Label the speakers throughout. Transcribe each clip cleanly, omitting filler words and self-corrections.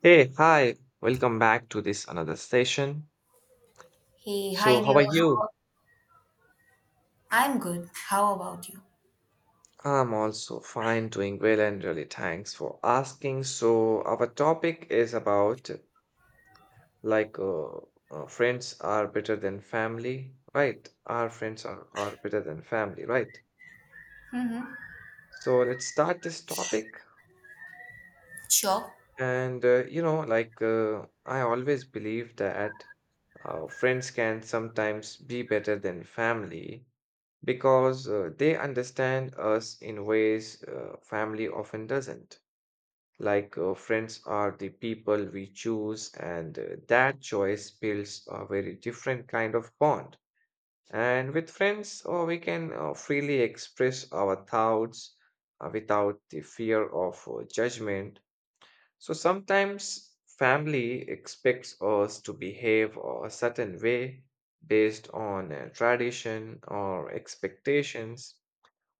Speaker 1: Hey, hi, welcome back to this another session.
Speaker 2: Hey,
Speaker 1: So,
Speaker 2: hi
Speaker 1: how are
Speaker 2: there.
Speaker 1: you?
Speaker 2: I'm good. How about you?
Speaker 1: I'm also fine, doing well, and really thanks for asking. So, our topic is about like uh, friends are better than family, right? Our friends are better than family, right? So, let's start this topic.
Speaker 2: Sure.
Speaker 1: And I always believe that friends can sometimes be better than family because they understand us in ways family often doesn't. Like friends are the people we choose, and that choice builds a very different kind of bond. And with friends, we can freely express our thoughts without the fear of judgment. So sometimes family expects us to behave a certain way based on tradition or expectations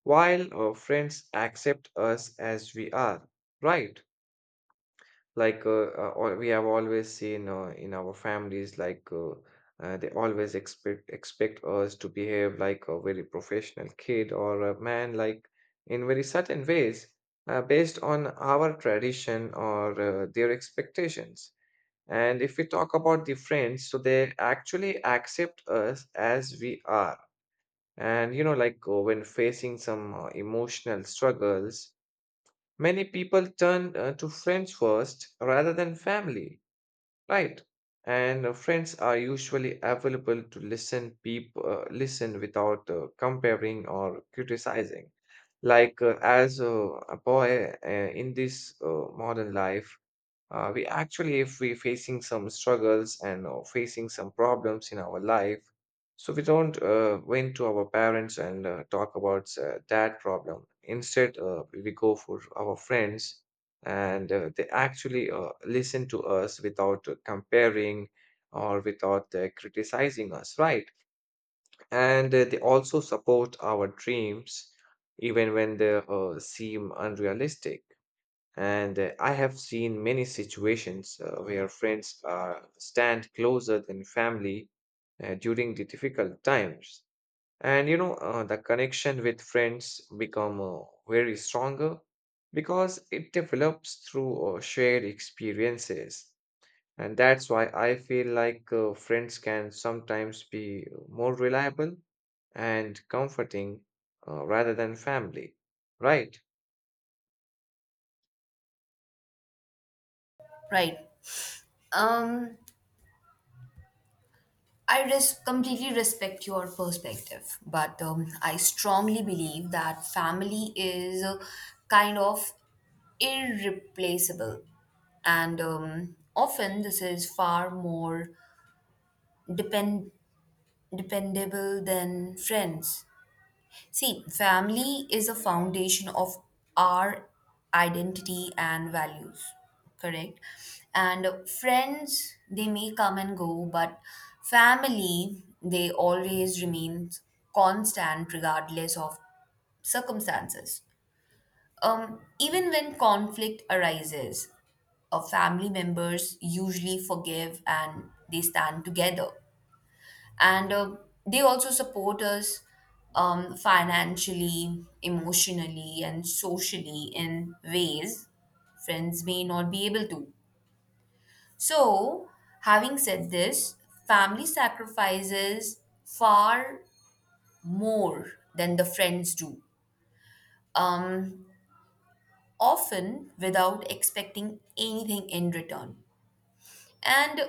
Speaker 1: while our friends accept us as we are, right? Like we have always seen in our families, they always expect us to behave like a very professional kid or a man, like in very certain ways, based on our tradition or their expectations. And if we talk about the friends, so they actually accept us as we are and when facing some emotional struggles, many people turn to friends first rather than family, right? And friends are usually available to listen, listen without comparing or criticizing. Like as a boy in this modern life, we actually if we are facing some struggles and facing some problems in our life so we don't went to our parents and talk about that problem instead we go for our friends and they actually listen to us without comparing or without criticizing us right and they also support our dreams even when they seem unrealistic and I have seen many situations where friends stand closer than family during the difficult times. And the connection with friends become very stronger because it develops through shared experiences. And that's why I feel like friends can sometimes be more reliable and comforting rather than family, right?
Speaker 2: Right. Um, completely respect your perspective, but I strongly believe that family is kind of irreplaceable, and often this is far more depend dependable than friends. See, family is a foundation of our identity and values, correct? And friends, they may come and go, but family, they always remain constant regardless of circumstances. Even when conflict arises, family members usually forgive and they stand together, and they also support us financially, emotionally, and socially in ways friends may not be able to. So, having said this, family sacrifices far more than the friends do, um, often without expecting anything in return. And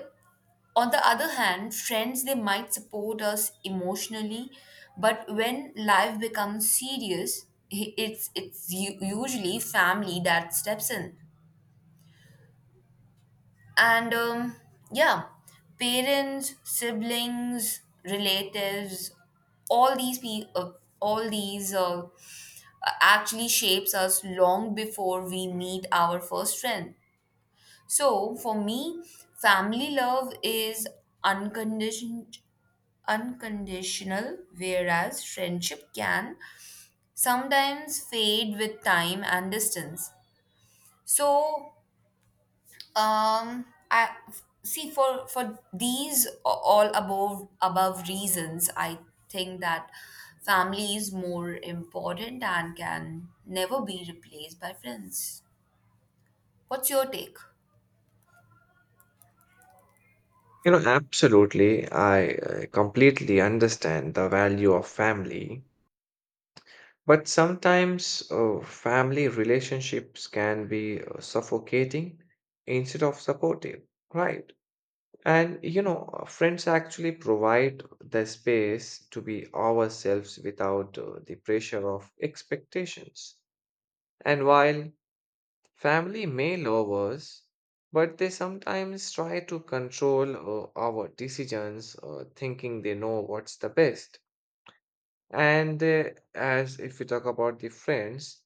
Speaker 2: on the other hand, friends, they might support us emotionally, but when life becomes serious, usually family that steps in. And yeah, parents, siblings, relatives, all these pe- uh, all these actually shapes us long before we meet our first friend. So for me, family love is unconditional unconditional, whereas friendship can sometimes fade with time and distance. So, I see, for these all above reasons, I think that family is more important and can never be replaced by friends. What's your take?
Speaker 1: You know, absolutely. I completely understand the value of family, but sometimes family relationships can be suffocating instead of supportive, right? And friends actually provide the space to be ourselves without the pressure of expectations. And while family may love us, but they sometimes try to control our decisions, thinking they know what's the best. And as if we talk about the friends,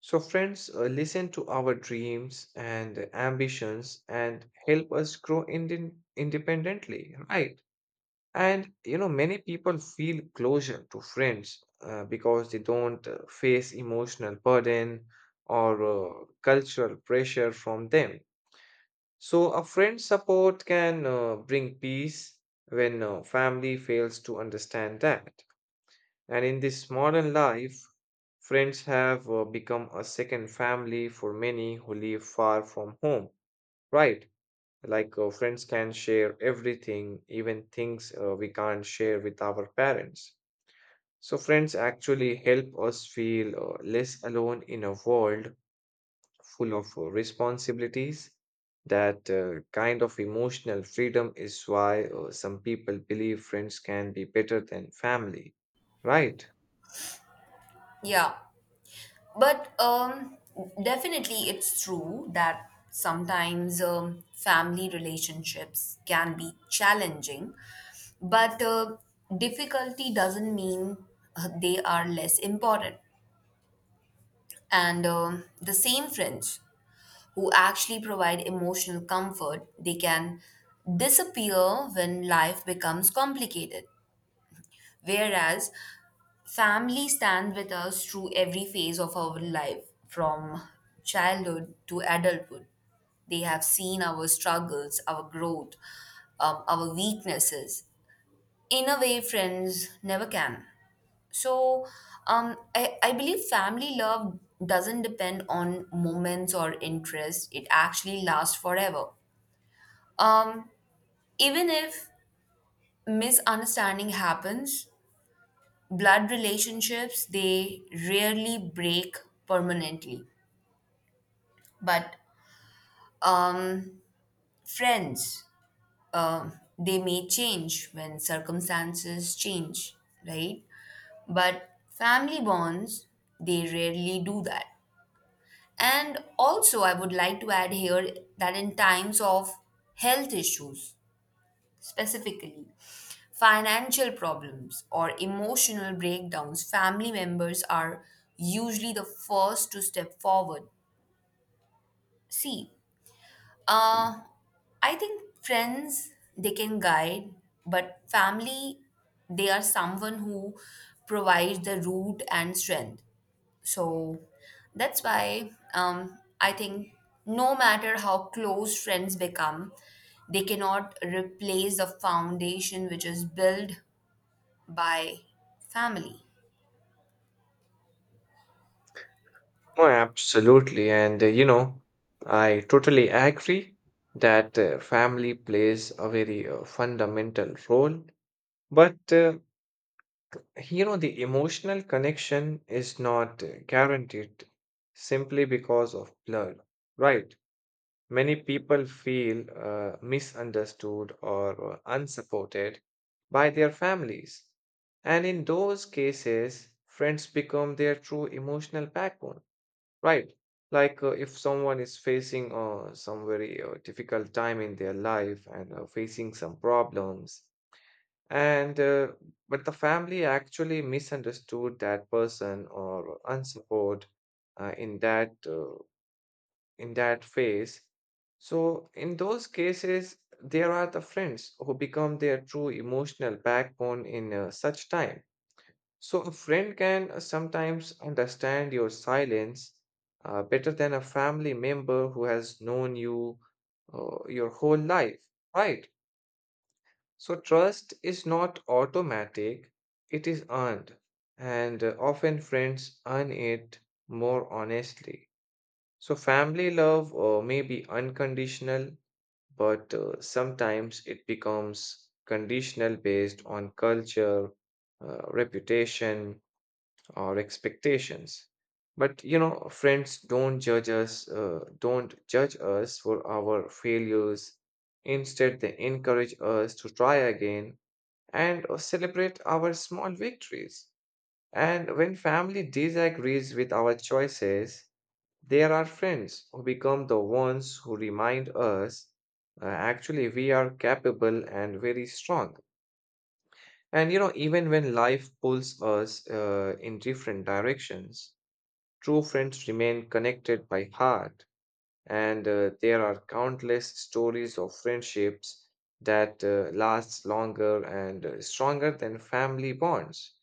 Speaker 1: so friends listen to our dreams and ambitions and help us grow independently, right? And you know, many people feel closure to friends because they don't face emotional burden or cultural pressure from them. So, a friend's support can bring peace when family fails to understand that. And in this modern life, friends have become a second family for many who live far from home, right? Like friends can share everything, even things we can't share with our parents. So, friends actually help us feel less alone in a world full of responsibilities. That kind of emotional freedom is why some people believe friends can be better than family, right?
Speaker 2: Yeah. But definitely, it's true that sometimes family relationships can be challenging, but difficulty doesn't mean they are less important. And the same friends who actually provide emotional comfort, they can disappear when life becomes complicated. Whereas family stand with us through every phase of our life, from childhood to adulthood. They have seen our struggles, our growth, our weaknesses, in a way friends never can. So, um, I believe family love doesn't depend on moments or interest, it actually lasts forever. Um, Even if misunderstanding happens, blood relationships, they rarely break permanently, but um, friends, um they may change when circumstances change, right? But family bonds, they rarely do that. And also, I would like to add here that in times of health issues specifically, financial problems or emotional breakdowns, family members are usually the first to step forward. See, uh, I think friends, they can guide, but family, they are someone who provides the root and strength. So that's why I think no matter how close friends become, they cannot replace the foundation which is built by family.
Speaker 1: Oh, absolutely. And I totally agree that family plays a very fundamental role. But the emotional connection is not guaranteed simply because of blood, right? Many people feel misunderstood or unsupported by their families. And in those cases, friends become their true emotional backbone, right? Like if someone is facing some very difficult time in their life and facing some problems, and but the family actually misunderstood that person or unsupport uh, in that uh, in that phase. So, in those cases, there are the friends who become their true emotional backbone in such time. So, a friend can sometimes understand your silence better than a family member who has known you your whole life, right? So, trust is not automatic, it is earned, and often friends earn it more honestly. So, family love may be unconditional, but sometimes it becomes conditional based on culture, reputation, or expectations. But you know, friends don't judge us for our failures. Instead, they encourage us to try again and celebrate our small victories. And when family disagrees with our choices, there are friends who become the ones who remind us actually we are capable and very strong. And you know, even when life pulls us in different directions, true friends remain connected by heart. And there are countless stories of friendships that lasts longer and stronger than family bonds.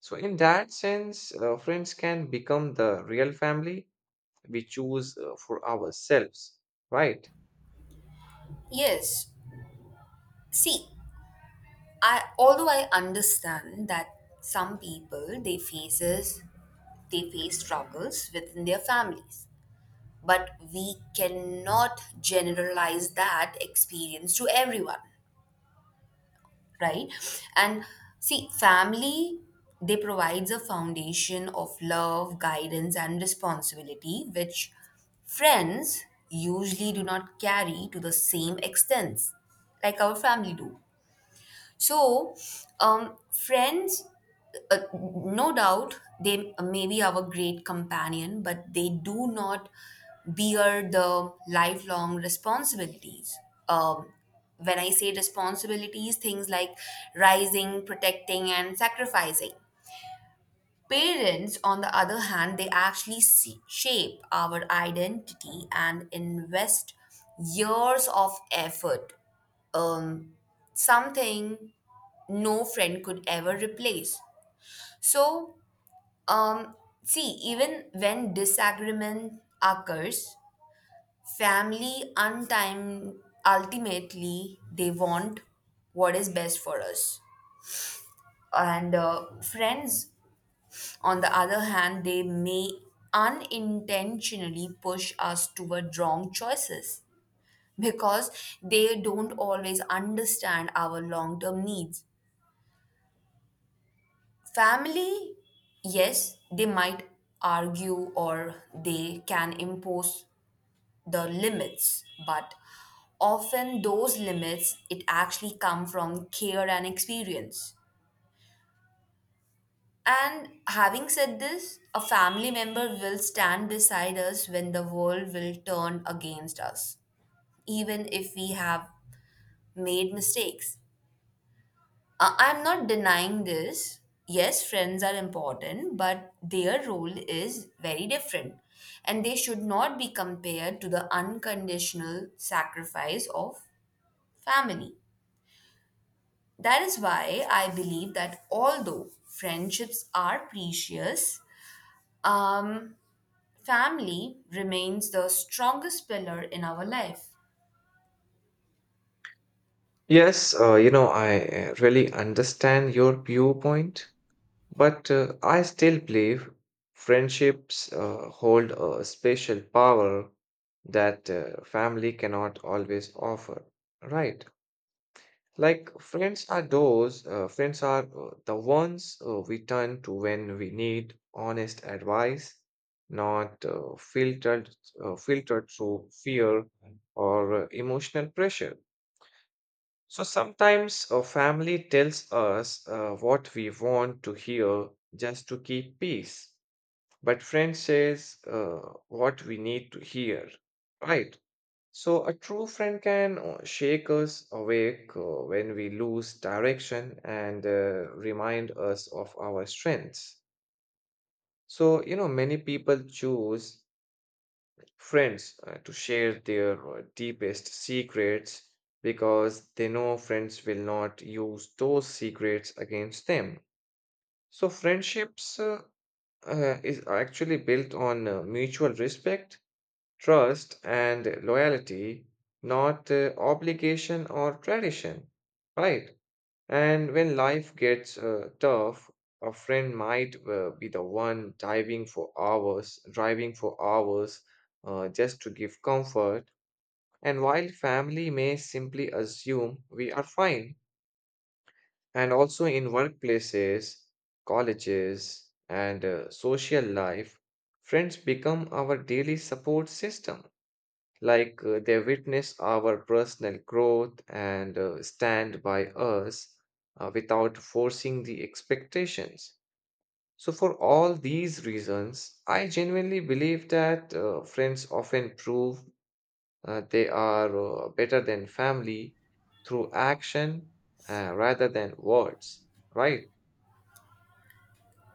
Speaker 1: So in that sense, friends can become the real family we choose for ourselves, right?
Speaker 2: Yes. See, I although I understand that some people they face struggles within their families, but we cannot generalize that experience to everyone, right? And see, family, they provides a foundation of love, guidance, and responsibility which friends usually do not carry to the same extent like our family do. So friends, uh, no doubt they may be our great companion, but they do not bear the lifelong responsibilities. Um, when I say responsibilities, things like rising, protecting, and sacrificing. Parents, on the other hand, they actually see, shape our identity and invest years of effort, um, something no friend could ever replace. So, um, see, even when disagreement occurs, family untime ultimately they want what is best for us. And friends, on the other hand, they may unintentionally push us toward wrong choices because they don't always understand our long term needs. Family, yes, they might argue or they can impose the limits, but often those limits, it actually come from care and experience. And having said this, a family member will stand beside us when the world will turn against us, even if we have made mistakes. I'm not denying this. Yes, friends are important, but their role is very different, and they should not be compared to the unconditional sacrifice of family. That is why I believe that although friendships are precious, um, family remains the strongest pillar in our life.
Speaker 1: Yes, I really understand your viewpoint, but I still believe friendships hold a special power that family cannot always offer, right? Like friends are the ones we turn to when we need honest advice, not filtered through fear or emotional pressure. So sometimes a family tells us what we want to hear just to keep peace, but friends says what we need to hear, right? So, a true friend can shake us awake when we lose direction and remind us of our strengths. So, you know, many people choose friends to share their deepest secrets because they know friends will not use those secrets against them. So, friendships is actually built on mutual respect, trust and loyalty, not obligation or tradition, right? And when life gets tough, a friend might be the one driving for hours just to give comfort. And while family may simply assume we are fine, and also in workplaces, colleges, and social life, friends become our daily support system like they witness our personal growth and stand by us without forcing the expectations. So, for all these reasons, I genuinely believe that friends often prove they are better than family through action rather than words, right?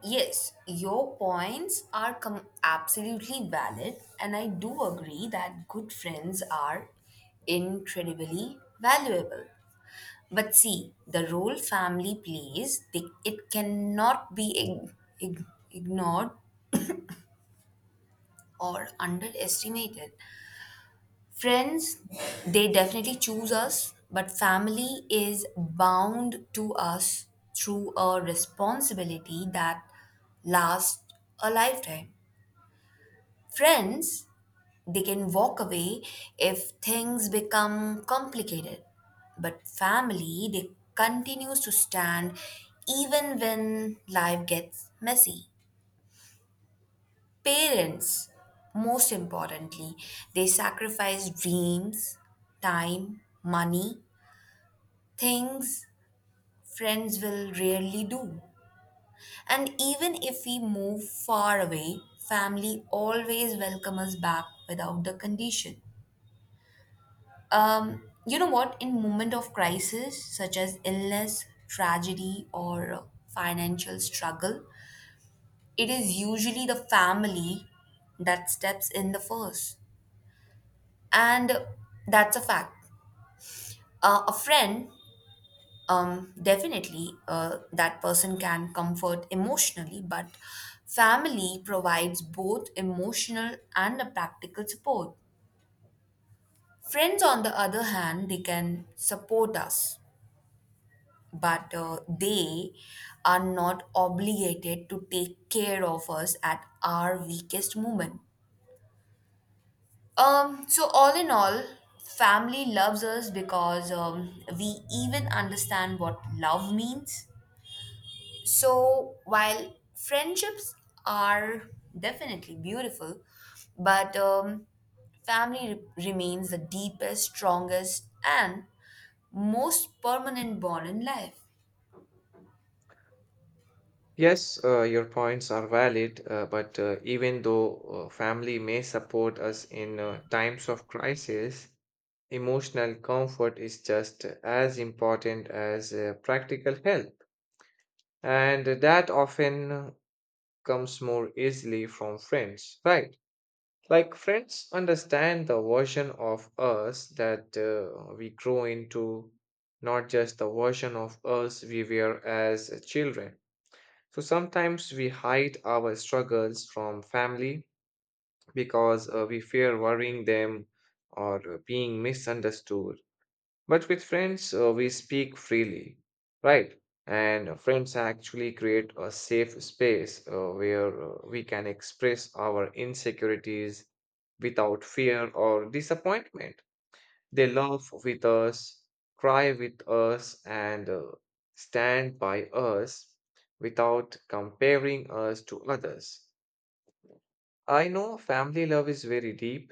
Speaker 2: Yes, your points are absolutely valid, and I do agree that good friends are incredibly valuable. But see, the role family plays, they, it cannot be ignored or underestimated. Friends, they definitely choose us, but family is bound to us through a responsibility that lasts a lifetime. Friends, they can walk away if things become complicated, but family, they continues to stand even when life gets messy. Parents, most importantly, they sacrifice dreams, time, money, things friends will rarely do. And even if we move far away, family always welcome us back without the condition. You know what? In moment of crisis, such as illness, tragedy, or financial struggle, it is usually the family that steps in the first, and that's a fact. A friend, definitely, that person can comfort emotionally, but family provides both emotional and a practical support. Friends, on the other hand, they can support us, but they are not obligated to take care of us at our weakest moment. So, all in all, family loves us because we even understand what love means. So while friendships are definitely beautiful, but family remains the deepest, strongest, and most permanent bond in life.
Speaker 1: Yes, your points are valid, but even though family may support us in times of crisis, emotional comfort is just as important as practical help, and that often comes more easily from friends, right? Like, friends understand the version of us that we grow into, not just the version of us we were as children. So sometimes we hide our struggles from family because we fear worrying them or being misunderstood. But with friends, we speak freely, right? And friends actually create a safe space where we can express our insecurities without fear or disappointment. They laugh with us, cry with us, and stand by us without comparing us to others. I know family love is very deep,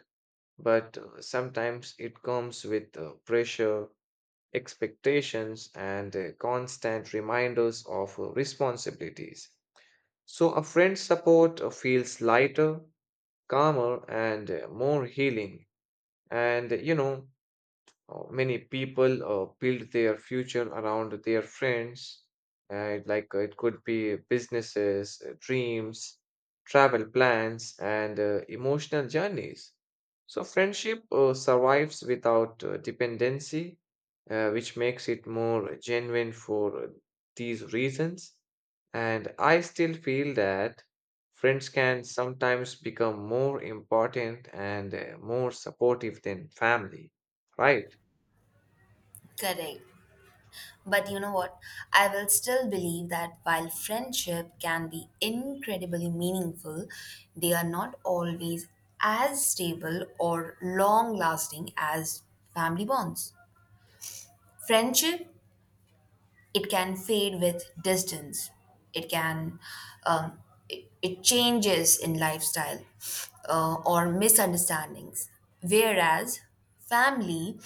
Speaker 1: but sometimes it comes with pressure, expectations, and constant reminders of responsibilities. So, a friend's support feels lighter, calmer, and more healing. And, many people build their future around their friends, and like it could be businesses, dreams, travel plans, and emotional journeys. So, friendship survives without dependency, which makes it more genuine for these reasons. And I still feel that friends can sometimes become more important and more supportive than family, right?
Speaker 2: Correct. But you know what? I will still believe that while friendship can be incredibly meaningful, they are not always as stable or long lasting as family bonds. Friendship, it can fade with distance. It can, um, it changes in lifestyle or misunderstandings. Whereas family,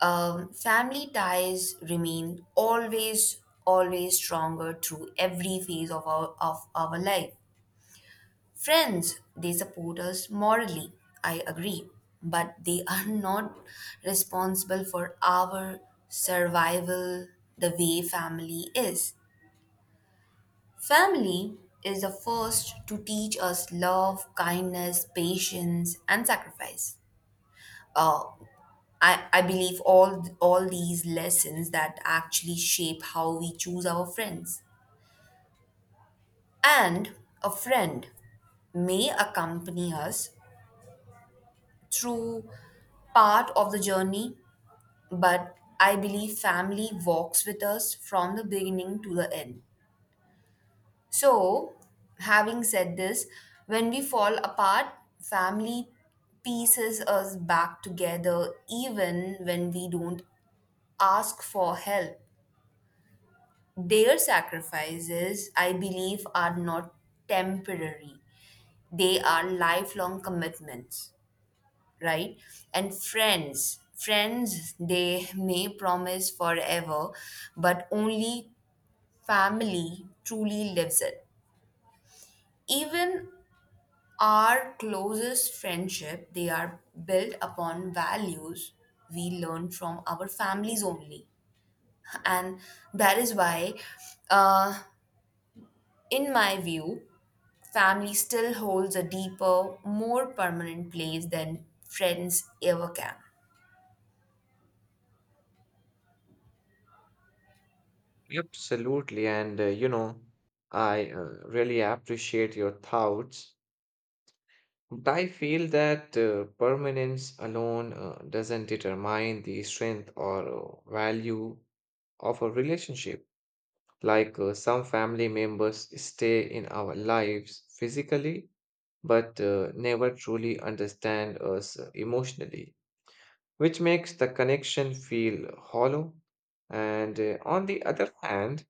Speaker 2: family ties remain always stronger through every phase of our life. Friends, they support us morally, I agree, but they are not responsible for our survival the way family is. Family is the first to teach us love, kindness, patience, and sacrifice. Uh, I believe all these lessons that actually shape how we choose our friends. And a friend may accompany us through part of the journey, but I believe family walks with us from the beginning to the end. So, having said this, when we fall apart, family pieces us back together even when we don't ask for help. Their sacrifices, I believe, are not temporary, they are lifelong commitments, right? And friends, they may promise forever, but only family truly lives it. Even our closest friendship, they are built upon values we learn from our families only. And that is why, uh, in my view, family still holds a deeper, more permanent place than friends ever can.
Speaker 1: Absolutely. And, I really appreciate your thoughts. But I feel that permanence alone doesn't determine the strength or value of a relationship. Like some family members stay in our lives physically, but never truly understand us emotionally, which makes the connection feel hollow. And on the other hand,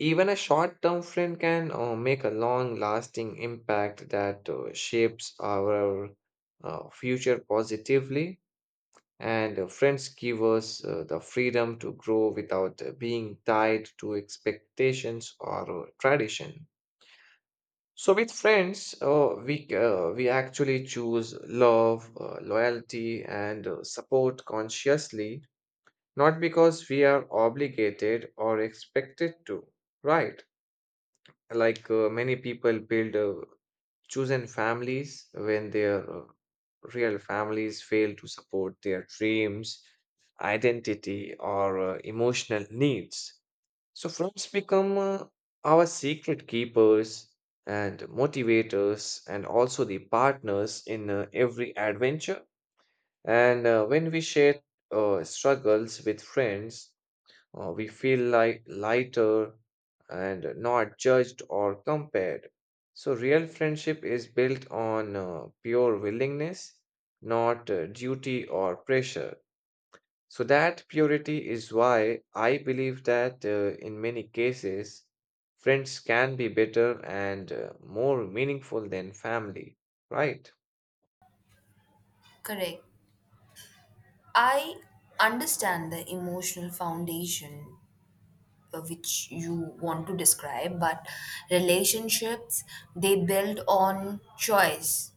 Speaker 1: even a short term friend can make a long lasting impact that shapes our future positively. And friends give us the freedom to grow without being tied to expectations or tradition. So, with friends, we actually choose love, loyalty, and support consciously, not because we are obligated or expected to, right? Like many people build chosen families when their real families fail to support their dreams, identity, or emotional needs. So, friends become our secret keepers and motivators, and also the partners in every adventure. And when we share struggles with friends, we feel like lighter and not judged or compared. So, real friendship is built on pure willingness, not duty or pressure. So, that purity is why I believe that in many cases, friends can be better and more meaningful than family, right?
Speaker 2: Correct. I understand the emotional foundation which you want to describe, but relationships they build on choice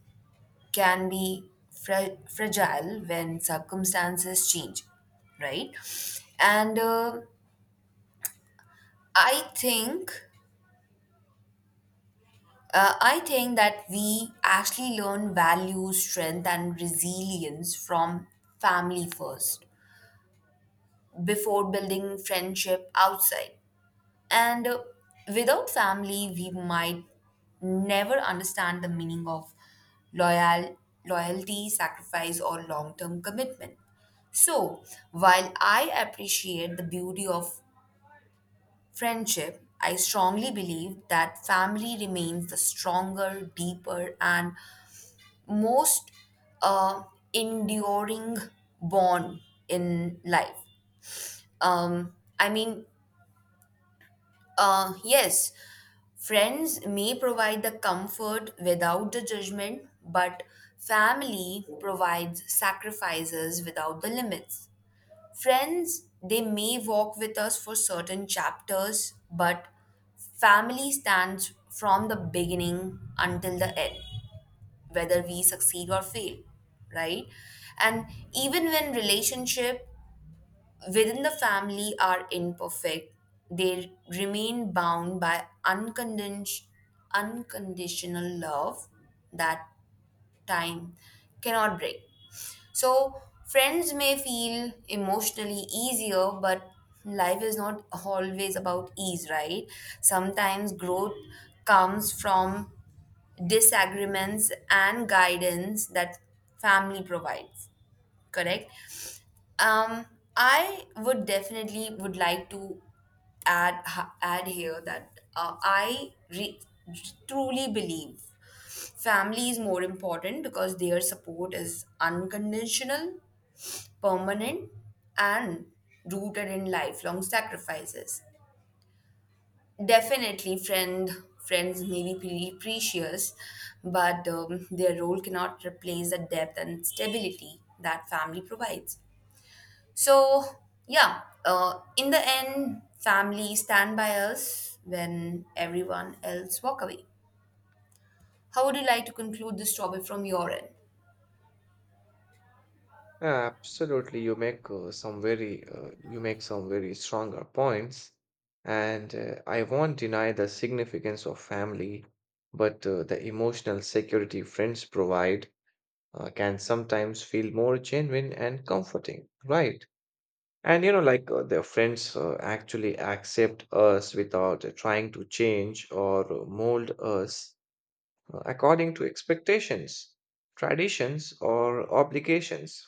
Speaker 2: can be fragile when circumstances change, right? And i think uh, I think that we actually learn value, strength, and resilience from family first before building friendship outside. And without family we might never understand the meaning of loyal loyalty, sacrifice, or long term commitment. So, while I appreciate the beauty of friendship, I strongly believe that family remains the stronger, deeper, and most uh, enduring bond in life. I mean, yes, friends may provide the comfort without the judgment, but family provides sacrifices without the limits. Friends, they may walk with us for certain chapters, but family stands from the beginning until the end, whether we succeed or fail, right? And even when relationship within the family are imperfect, they remain bound by unconditional love that time cannot break. So, friends may feel emotionally easier, but life is not always about ease, right? Sometimes growth comes from disagreements and guidance that family provides, correct? Um, I would definitely would like to add add here that truly believe family is more important because their support is unconditional, permanent, and rooted in lifelong sacrifices. Definitely, friends may be precious, but their role cannot replace the depth and stability that family provides. So, yeah, in the end, family stand by us when everyone else walk away. How would you like to conclude this topic from your end?
Speaker 1: Yeah, absolutely, you make some very you make some very stronger points, and I won't deny the significance of family, but the emotional security friends provide can sometimes feel more genuine and comforting, right? And you know, like their friends actually accept us without trying to change or mold us according to expectations, traditions, or obligations.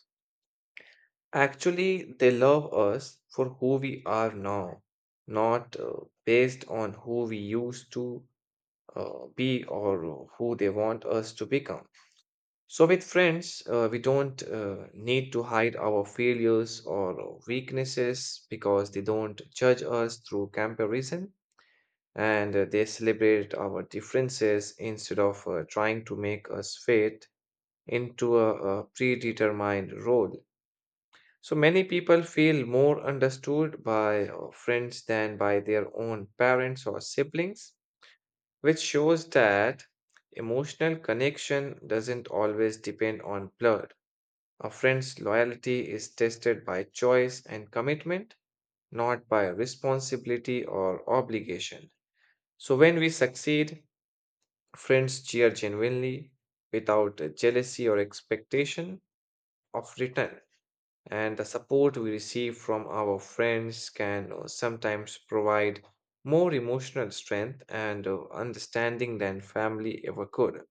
Speaker 1: Actually, they love us for who we are now, not based on who we used to be or who they want us to become. So, with friends, we don't need to hide our failures or weaknesses because they don't judge us through comparison and they celebrate our differences instead of trying to make us fit into a predetermined role. So many people feel more understood by friends than by their own parents or siblings, which shows that emotional connection doesn't always depend on blood. A friend's loyalty is tested by choice and commitment, not by responsibility or obligation. So when we succeed, friends cheer genuinely without jealousy or expectation of return. And the support we receive from our friends can sometimes provide more emotional strength and understanding than family ever could.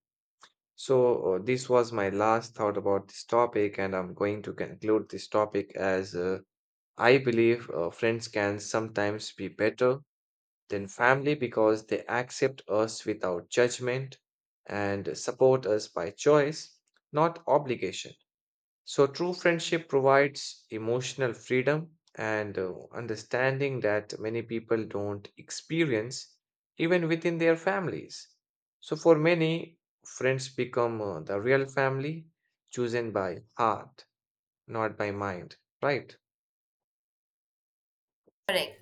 Speaker 1: So, this was my last thought about this topic, and I'm going to conclude this topic as I believe friends can sometimes be better than family because they accept us without judgment and support us by choice, not obligation. So, true friendship provides emotional freedom and understanding that many people don't experience even within their families. So, for many, friends become the real family chosen by heart, not by mind, right?
Speaker 2: Correct.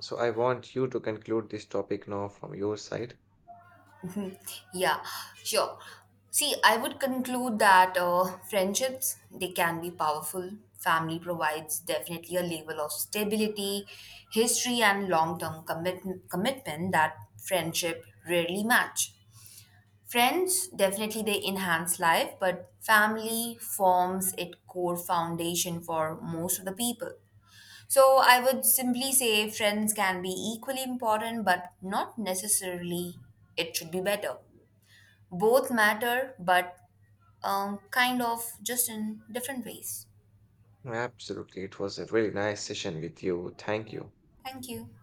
Speaker 1: So, I want you to conclude this topic now from your side.
Speaker 2: Yeah, sure. See, I would conclude that friendships, they can be powerful. Family provides definitely a level of stability, history, and commitment that friendship rarely match. Friends definitely they enhance life, but family forms its core foundation for most of the people. So I would simply say friends can be equally important, but not necessarily it should be better. Both matter, but kind of just in different ways.
Speaker 1: Absolutely. It was a really nice session with you. Thank you.
Speaker 2: Thank you.